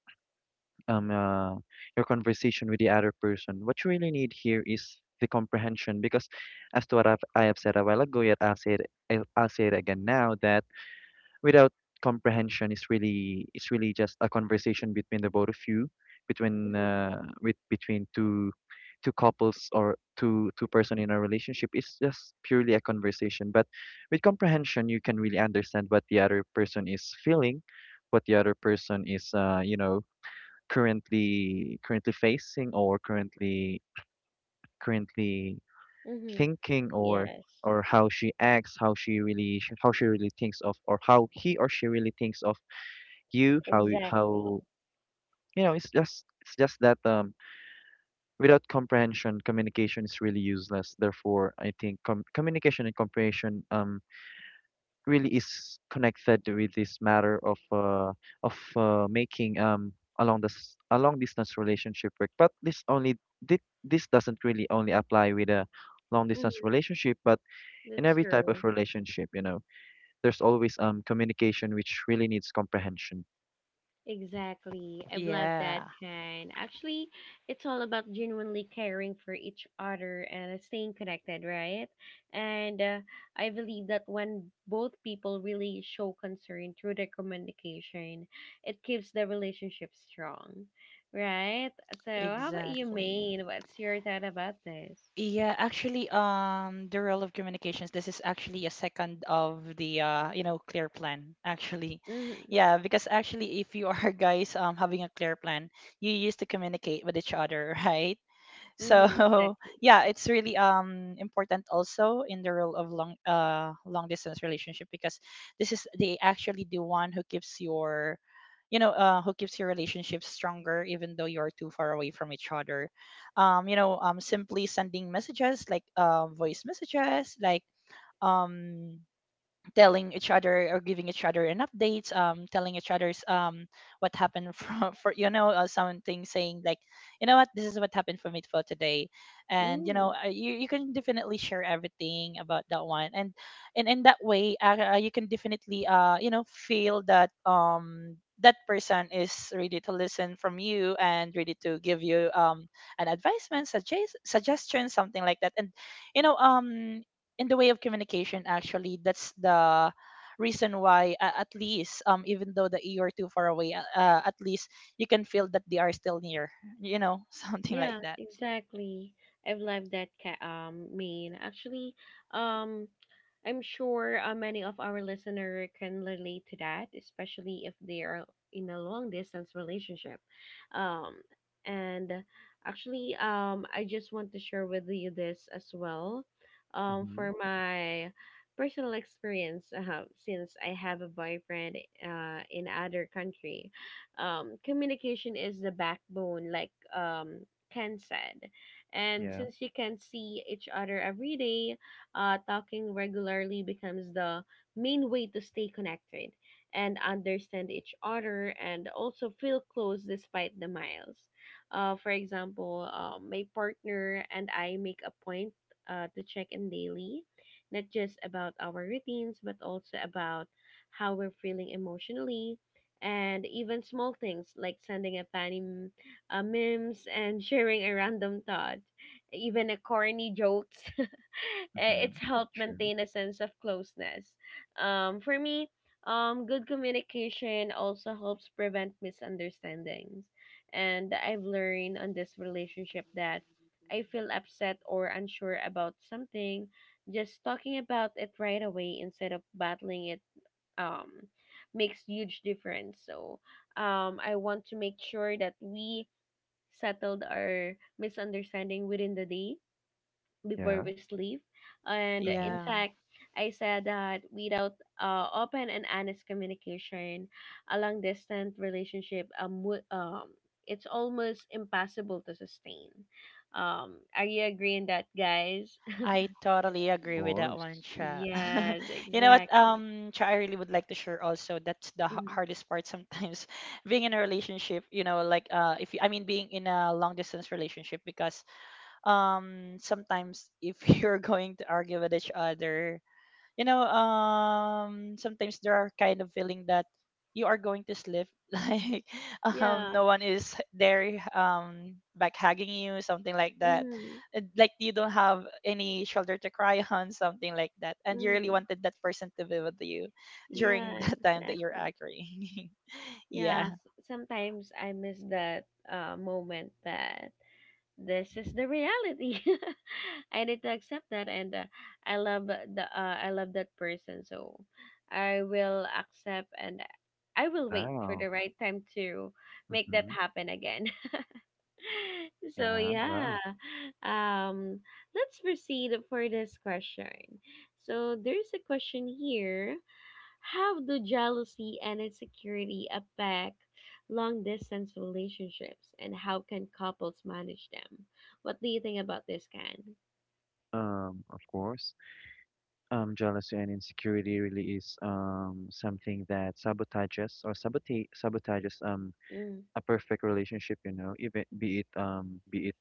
um uh, your conversation with the other person. What you really need here is the comprehension, because as to what I have said a while ago, yet I'll say it again now, that without comprehension, it's really just a conversation between the both of you, between with between two couples or two person in a relationship. It's just purely a conversation. But with comprehension, you can really understand what the other person is feeling, what the other person is currently facing, or currently Mm-hmm. thinking, or Yes. How she acts, how she really thinks of, or how he or she really thinks of you, how you- Exactly. how you know. It's just that without comprehension, communication is really useless. Therefore, I think communication and comprehension really is connected with this matter of making a long this a long distance relationship work. But this only this doesn't really only apply with a long distance Mm-hmm. relationship, but in That's every type of true. relationship. You know, there's always communication, which really needs comprehension. Exactly. I love that Yeah, kind. Actually, it's all about genuinely caring for each other and staying connected, right? And I believe that when both people really show concern through their communication, it keeps the relationship strong, right? So, how about you, exactly. Maine? What's your thought about this? Yeah, actually, the role of communications, this is actually a second of the you know, clear plan, actually. Mm-hmm. Yeah, because actually if you are guys having a clear plan, you used to communicate with each other, right? So Mm-hmm, exactly. yeah, it's really important also in the role of long long distance relationship because this is they actually the one who keeps your, you know, who keeps your relationship stronger even though you're too far away from each other. You know, simply sending messages, like voice messages, like um telling each other or giving each other an updates, telling each other's, what happened from for, you know, something saying like, you know what, this is what happened for me for today. And you know, Mm. You can definitely share everything about that one. And in that way, you can definitely you know, feel that that person is ready to listen from you and ready to give you an advisement, suggest suggestion, something like that. And you know, in the way of communication actually, that's the reason why at least even though that you're too far away, at least you can feel that they are still near you, know something like Yeah, that. exactly. I've loved that ca- main. Actually, um I'm sure many of our listener can relate to that, especially if they are in a long distance relationship. Um and actually, I just want to share with you this as well. Mm-hmm. For my personal experience since I have a boyfriend in other country. Communication is the backbone like Ken said. And Yeah. since you can see each other every day, talking regularly becomes the main way to stay connected and understand each other and also feel close despite the miles. For example, my partner and I make a point to check in daily, not just about our routines, but also about how we're feeling emotionally. And even small things like sending a tiny memes, and sharing a random thought, even a corny jokes. Eh, Mm-hmm. it's helped Sure. maintain a sense of closeness. For me, good communication also helps prevent misunderstandings. And I've learned on this relationship that I feel upset or unsure about something, just talking about it right away instead of battling it um, makes huge difference. So I want to make sure that we settled our misunderstanding within the day before Yeah. we sleep. And Mm-hmm. in Yeah, fact, I said that without open and honest communication, a long distance relationship would, it's almost impossible to sustain. Are you agreeing that, guys? I totally Of agree with that one, course. Cha. Yes, You know what, exactly. Cha, I really would like to share also, that's the h- Mhm. hardest part sometimes being in a relationship, you know. Like if you, I mean being in a long distance relationship because sometimes if you're going to argue with each other, you know, sometimes there are kind of feeling that you are going to slip, like Yeah. no one is there back hugging you, something like that. Hmm. And like, you don't have any shoulder to cry on, something like that, and you really Hmm. wanted that person to be with you during Yeah, that time that you're exactly. angry. Yeah, Yeah. Sometimes I miss that moment that this is the reality. I need to accept that, and I love the, I love that person, so I will accept and I will wait for the Wow. right time to make that Mm-hmm. happen again. So Yeah. yeah, Wow. um, let's proceed for this question. So there's a question here. How do jealousy and insecurity affect long distance relationships and how can couples manage them? What do you think about this, Can? Of course. Jealousy and insecurity really is something that sabotages, or sabote sabotages Mm-hmm. a perfect relationship, you know, even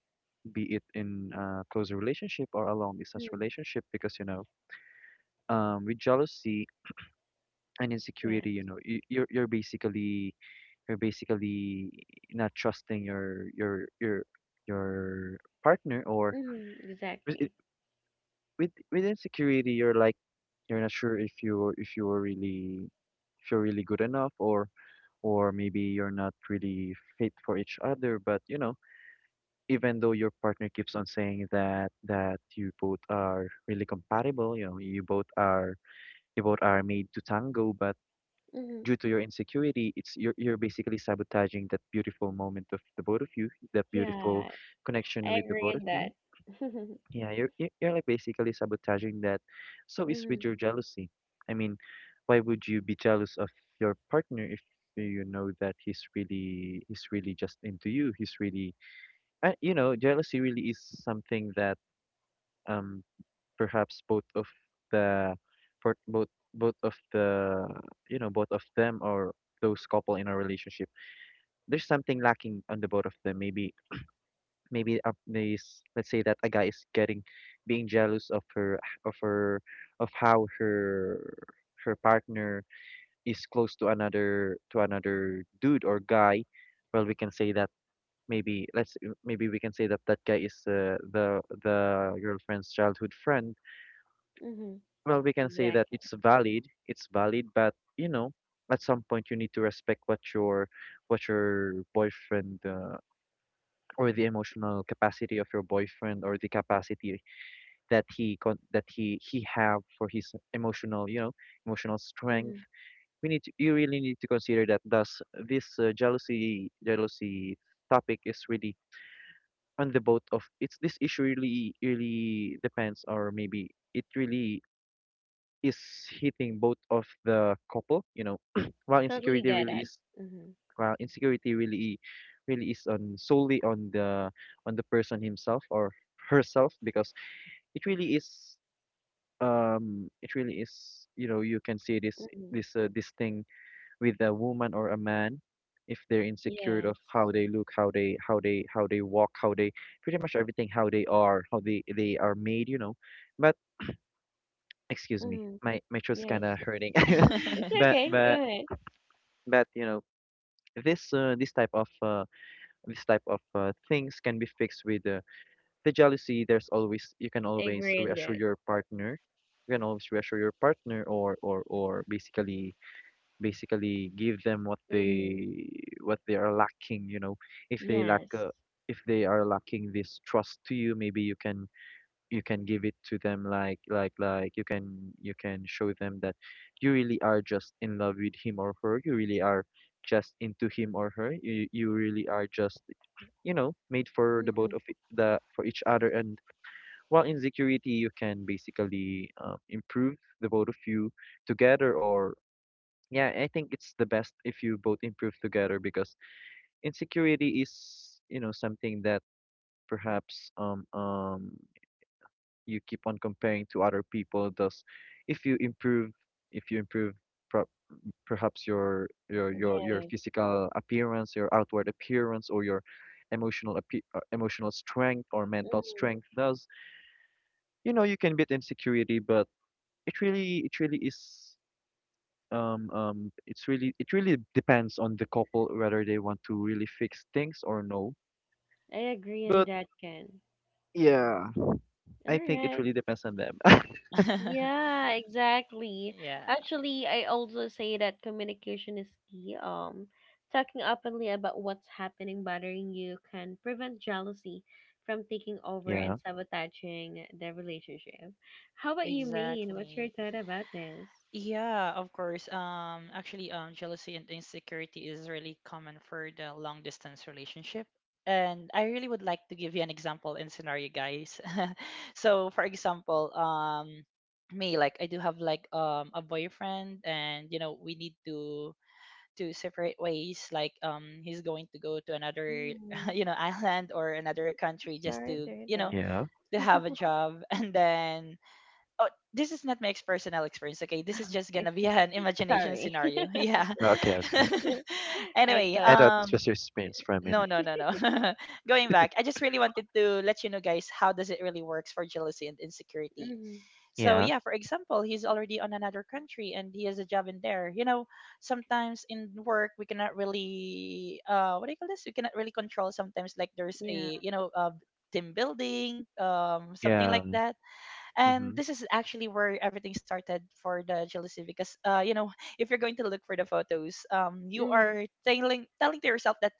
be it in a close relationship or a long distance relationship, because you know, with jealousy and Yes. insecurity, you know, you're basically you're basically not trusting your your partner, or Hmm. with it- Exactly. with insecurity, you're like you're not sure if you're really good enough, or maybe you're not really fit for each other. But you know, even though your partner keeps on saying that you both are really compatible, you know, you both are made to tango, but Hmm. due to your insecurity, it's you're basically sabotaging that beautiful moment of the both of you, that beautiful Yeah, connection I with the agree both in of you. that. Yeah, you're, like, basically sabotaging that. So it's Hmm. with your jealousy. I mean, why would you be jealous of your partner if you know that he's really just into you? He's really, and you know, jealousy really is something that um perhaps both of the for both both of the you know, both of them, or those couple in a relationship, there's something lacking on the both of them. Maybe maybe up this let's say that a guy is getting being jealous of her, of how her partner is close to another, to another dude or guy. Well, we can say that maybe let's maybe we can say that that guy is the girlfriend's childhood friend. Hmm. Well, we can say that Exactly. it's valid, it's valid, but you know, at some point you need to respect what your boyfriend, or the emotional capacity of your boyfriend, or the capacity that that he have for his emotional, you know, emotional Hmm. strength. We need to, you really need to consider that. Thus this jealousy topic is really on the both of it's this issue really really depends, or maybe it really is hitting both of the couple, you know. While Totally insecurity get really it. is, Hmm. while insecurity really is on solely on the person himself or herself, because it really is it really is, you know, you can see Hmm. this this thing with a woman or a man, if they're insecure Yes. of how they look, how they walk, how they, pretty much everything, how they are, how they are made, you know. But excuse me, Hmm. My throat's kind Yes. of hurting. Mm. It's but okay. but Go ahead. but you know, this this type of things can be fixed with the jealousy. There's always, you can I always agree in reassure that. your partner. You can always reassure your partner, or basically give them what Hmm. they, what they are lacking, you know. If they lack Yes. If they are lacking this trust to you, maybe you can, you can give it to them, like, you can, you can show them that you really are just in love with him or her. You really are just into him or her. You really are just, you know, made for the both Hmm. of it, the for each other. And while in security, you can basically improve the both of you together, or yeah, I think it's the best if you both improve together, because insecurity is, you know, something that perhaps you keep on comparing to other people. Thus, if you improve, if you improve per perhaps your Yes. physical appearance, your outward appearance, or your emotional strength or mental Mm-hmm. strength. Thus, you know, you can beat insecurity. But it really, it really is. It's really, it really depends on the couple whether they want to really fix things or no. I agree on But that, Ken. yeah, All I think it right. really depends on them. Yeah, exactly. Yeah. Actually, I also say that communication is key. Talking openly about what's happening bothering you can prevent jealousy from taking over Yeah. and sabotaging the relationship. How about you, Maine? What's your Exactly. thought about this? Yeah, of course. Actually, jealousy and insecurity is really common for the long distance relationship. And I really would like to give you an example and scenario, guys. So, for example, me, like I do have like a boyfriend, and you know we need to separate ways. Like he's going to go to another Mm, you know island or another country, just sorry Hmm. to, to hear you know, Yeah. to have a that. job, and then. Oh, this is not my ex- personal experience, okay? This is Oh, just I gonna be see. an imagination Sorry. scenario. Yeah. Okay, okay. I Anyway, I thought thought this was your experience for a no, minute. no, no, no. Going back, I just really wanted to let you know, guys, how does it really works for jealousy and insecurity. mm-hmm. So Yeah. yeah, for example, he's already on another country and he has a job in there, you know. Sometimes in work we cannot really, what do you call this, we cannot really control sometimes. Like there's Yeah. a, you know, team building, something Yeah. like Um, that. And mm-hmm. this is actually where everything started for the jealousy because you know, if you're going to look for the photos, you Hmm. are telling to yourself that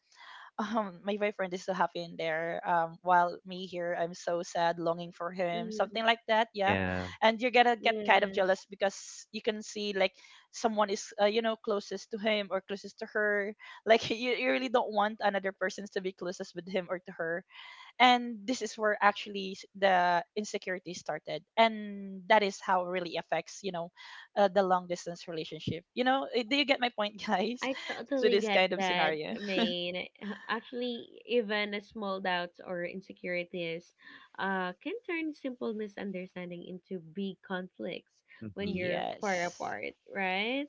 my boyfriend is so happy in there, while me here, I'm so sad longing for him, Mm-hmm. something like that. Yeah. Yeah. And you're gonna get kind of Yes, jealous, because you can see like someone is, you know, closest to him or closest to her. Like you really don't want another persons to be closest with him or to her. And this is where actually s- the insecurity started, and that is how it really affects, you know, the long distance relationship, you know. Eh, do you get my point guys, I to totally this get kind of that. I scenario? mean, actually, even a small doubts or insecurities can turn simple misunderstanding into big conflicts when Mm-hmm. you're far Yes. apart, right?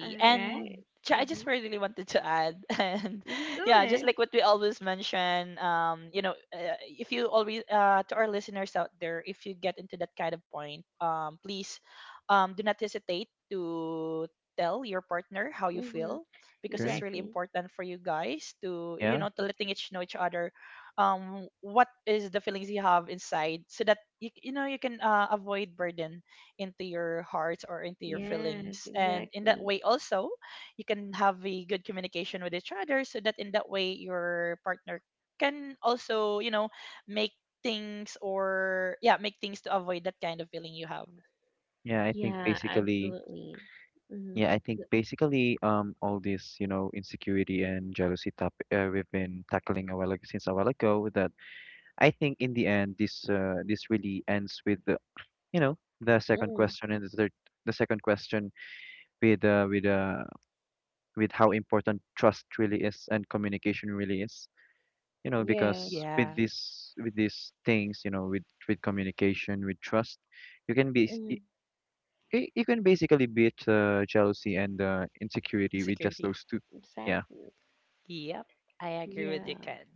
All right. And ju- I Mm-hmm. just really wanted to add, and Mm-hmm. Go yeah, just ahead. like what we always mention, you know, if you always, to our listeners out there, if you get into that kind of point, please, do not hesitate to tell your partner how you Mm-hmm. feel, because True. it's really Exactly. important for you guys to, you Yeah. know, to letting each know each other, what is the feelings you have inside, so that you know, you can, avoid burden into your heart or into your Yes, feelings. And in that exactly. way also you can have a good communication with each other, so that in that way your partner can also, you know, make things or, yeah, make things to avoid that kind of feeling you have. Yeah, I think Yeah, basically absolutely. Mm-hmm. yeah, I think basically all this, you know, insecurity and jealousy topic, we've been tackling a while ago, since a while ago, that I think in the end, this this really ends with the, you know, the second Mm. question and the third, the second question, with with how important trust really is and communication really is. You know, Yes. because with Yeah, this, with these things, you know, with communication, with trust, you can be, Mm, you can basically beat jealousy and insecurity with just insecurity. those two. Yeah. exactly. Yep, I agree with you, Yeah. Ken.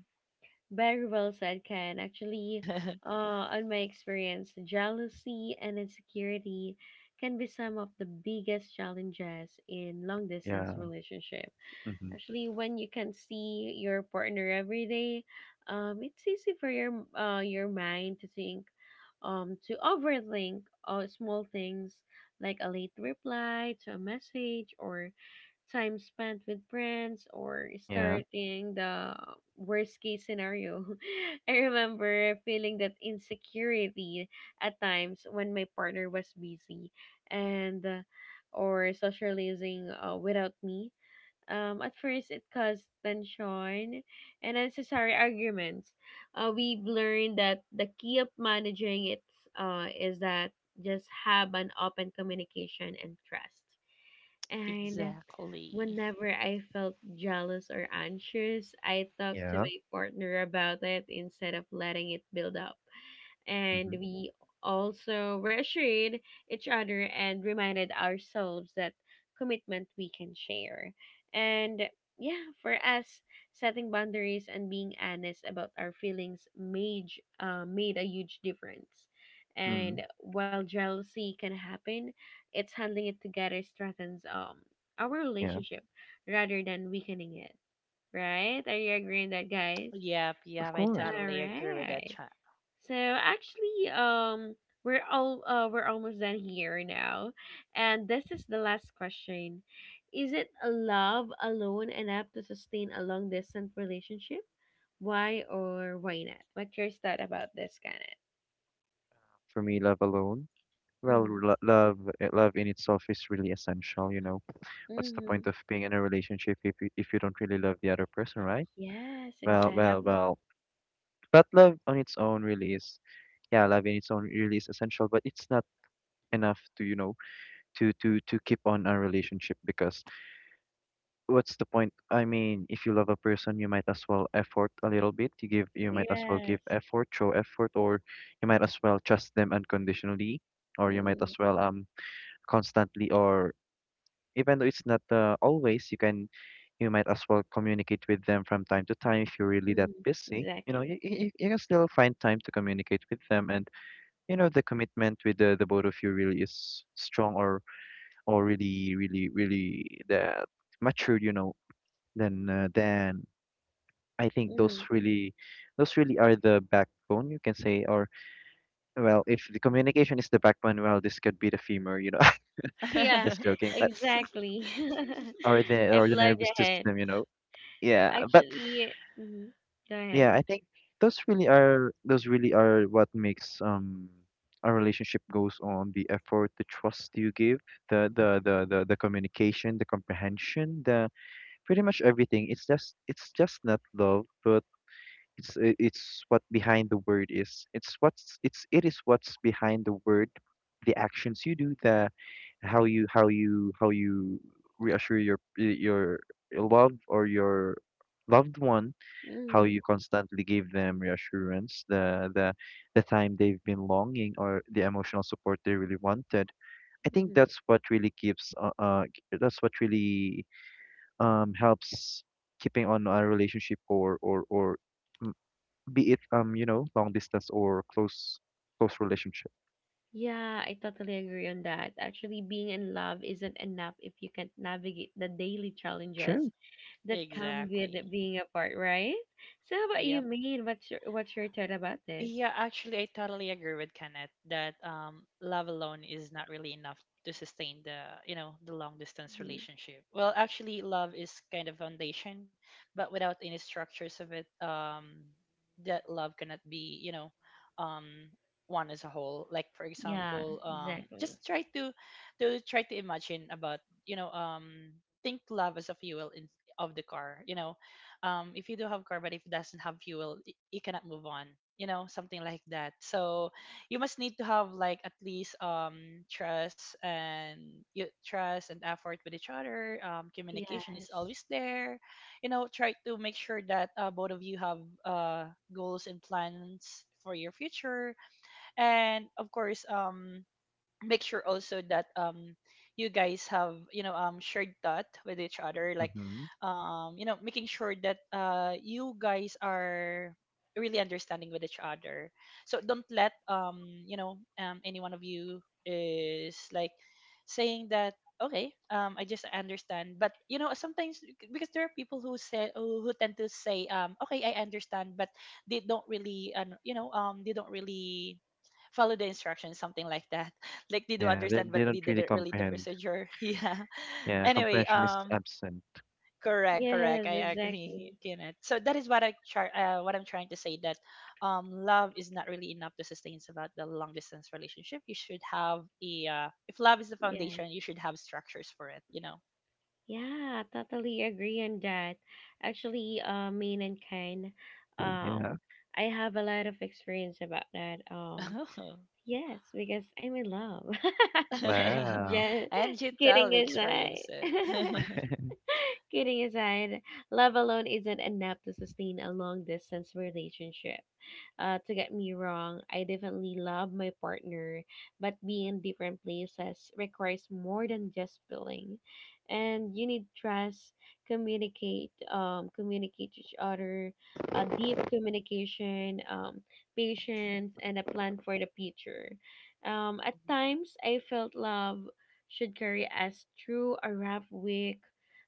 Very well said, Ken. Actually, on my experience, jealousy and insecurity can be some of the biggest challenges in long distance Yeah. relationship. Hmm. Actually, when you can see your partner every day, it's easy for your your mind to think to overthink small things like a late reply to a message or time spent with friends or Yeah, starting the worst case scenario. I remember feeling that insecurity at times when my partner was busy and or socializing without me. At first, it caused tension and unnecessary arguments. We've learned that the key of managing it is that just have an open communication and trust and Exactly. whenever I felt jealous or anxious, I talked to yeah. my partner about it instead of letting it build up and Hmm. we also reassured each other and reminded ourselves that commitment we can share. And yeah, for us, setting boundaries and being honest about our feelings made a huge difference. Hmm. And while jealousy can happen, it's handling it together strengthens our Yeah, relationship rather than weakening it. Right? Are you agreeing that, guys? Yep. of Yep, I course. All totally agree with that, right. Chat. So actually, we're almost done here now, and this is the last question: Is it a love alone enough to sustain a long distance relationship? Why or why not? What's your thought about this, Kenneth? For me, love alone, well, Mm-hmm. Love love in itself is really essential, you know. What's the Mm-hmm. point of being in a relationship if if you don't really love the other person, right? Yes, Well, Yep. well, exactly. well. But love on its own really is, yeah, love in its own really is essential, but it's not enough to, you know, to keep on a relationship, because what's the point? I mean, if you love a person, you might as well effort a little bit. You might as well give Yes. effort, show effort, or you might as well trust them unconditionally, or you might as Mm, well constantly, or even though it's not always, you might as well communicate with them from time to time if you're really that mm, busy. You know, exactly. You can still find time to communicate with them, and you know the commitment with the both of you really is strong, or really, really, really that matured. You know then I think those Mm. really, those really are the backbone, you can say, or, well, if the communication is the backbone, well this could be the femur, you know. Yeah, Just joking, but exactly. or I've the loved nervous ahead. system, you know. Yeah, but Actually, mm-hmm. Go ahead. yeah, I think those really are what makes a relationship goes on: the effort, the trust you give, the the communication, the comprehension, the pretty much everything. It's just, not love, but it's it's what behind the word is. It's what's it's it is what's behind the word, the actions you do, the how you reassure your your love or your loved one, how Mm-hmm, you constantly give them reassurance, the time they've been longing, or the emotional support they really wanted. I mm-hmm. think that's what really keeps that's what really helps keeping on a relationship, or mm, be it you know, long distance or close, close relationship. Yeah, I totally agree on that. Actually, being in love isn't enough if you can't navigate the daily challenges True. that come with Exactly. being apart, right? So, how about you, Yep. Maine? What's your thought about this? Yeah, actually, I totally agree with Kenneth that love alone is not really enough to sustain the, you know, the long distance Mm-hmm. relationship. Well, actually, love is kind of foundation, but without any structures of it, that love cannot be, you know, um, one as a whole. Like for Yeah, example, exactly. just try to try to imagine about, you know, think love as a fuel in, of the car. You know, if you do have car but if it doesn't have fuel, y- you cannot move on, you know, something like that. So you must need to have like at least trust, and trust and effort with each other, communication is Yes. always there, you know. Try to make sure that both of you have uh, goals and plans for your future, and of course, make sure also that you guys have, you know, shared thought with each other, like Hmm. You know, making sure that you guys are really understanding with each other. So don't let, you know, any one of you is like saying that, okay, I just understand. But you know, sometimes, because there are people who say, who tend to say, okay, I understand, but they don't really, you know, they don't really follow the instructions, something like that. Like they do Yeah, understand they but they don't really didn't really the comprehend. procedure. Yeah. Yeah, Anyway, comprehension is absent. correct, correct, Yes, I agree. exactly. Kenneth, so that is what I try, what I'm trying to say, that love is not really enough to sustain about the long distance relationship. You should have a if love is the Yeah. foundation, you should have structures for it, you know. Yeah, totally agree on that. Actually, Maine and Ken, Yeah. um, I have a lot of experience about that. Yes, because I'm in love. Wow. Just And you kidding totally aside. experience it. Kidding aside, love alone isn't enough to sustain a long distance relationship to get me wrong, I definitely love my partner, but being in different places requires more than just feeling. And you need trust, communicate each other, deep communication, patience, and a plan for the future. At times, I felt love should carry us through a rough week,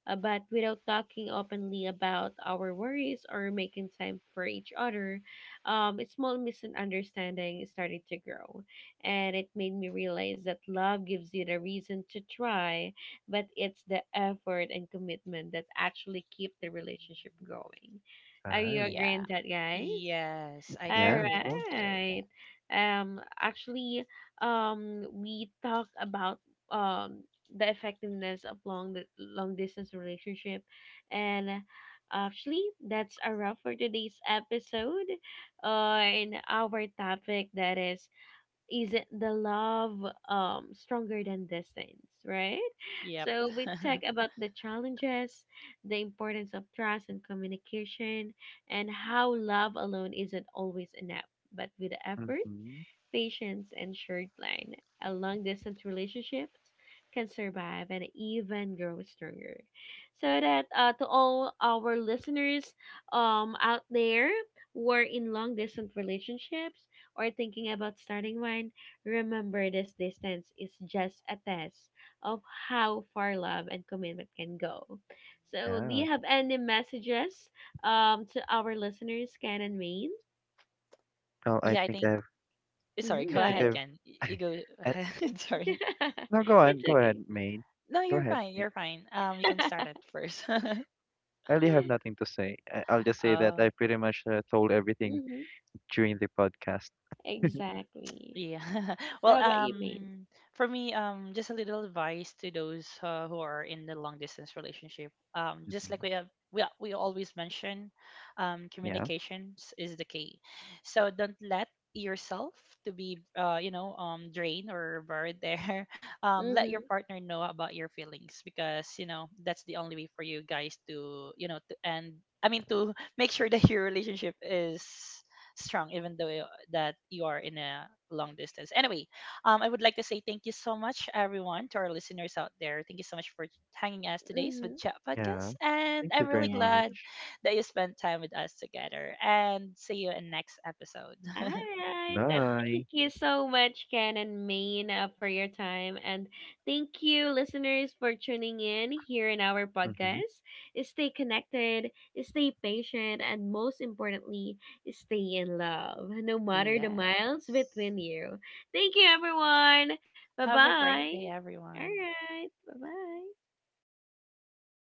but without talking openly about our worries or making time for each other, a small misunderstanding started to grow. And it made me realize that love gives you the reason to try, but it's the effort and commitment that actually keep the relationship going. Are you Wow. Yeah. agreeing that, guys? Yes, I All Yeah, totally of agree course. with right. that. Actually, we talk about um the effectiveness of long distance relationship, and actually, that's a wrap for today's episode. In our topic that is it the love stronger than distance, right? Yep. So we talk about the challenges, the importance of trust and communication and how love alone isn't always enough but with effort, Mm-hmm. patience, and short line, a long distance relationships can survive and even grow stronger. So that to all our listeners out there who are in long distance relationships or thinking about starting one, remember this distance is just a test of how far love and commitment can go. So do Yeah. you have any messages to our listeners, Ken and Maine? well i Yeah, I think think. i've Sorry, Mm-hmm, i go think good. ahead, i've Ken. Y- You go I, ahead. Sorry. no, go on, It's go ahead, okay. Main. No, Go you're ahead, fine. Main. You're fine. You can start at first. I really have nothing to say. I'll just say that Oh. I pretty much, told everything Hmm. during the podcast. Exactly. Yeah. So Well, how about you, Maine? For me, just a little advice to those who are in the long distance relationship. Just like Hmm. we have, we always mention, Yeah. communications is the key. So don't let yourself to be you know drained or buried there. Let your Mm-hmm. partner know about your feelings, because you know that's the only way for you guys to, you know, to end. I mean to, make sure that your relationship is strong even though you- that you are in a long distance. Anyway, I would like to say thank you so much, everyone, to our listeners out there. Thank you so much for hanging us today's Mm-hmm. with Chat Yeah, Podcast, and thank you I'm very really Yeah. glad much. that you spent time with us together, and see you in next episode. All right. Thank Bye. you so much, Ken and Maine, for your time. And thank you, listeners, for tuning in here in our Mm-hmm. podcast. Stay connected, stay patient, and most importantly, stay in love, no matter the Yes, miles between you. Thank you, everyone. Bye have a great bye. day, All everyone. right. Bye bye.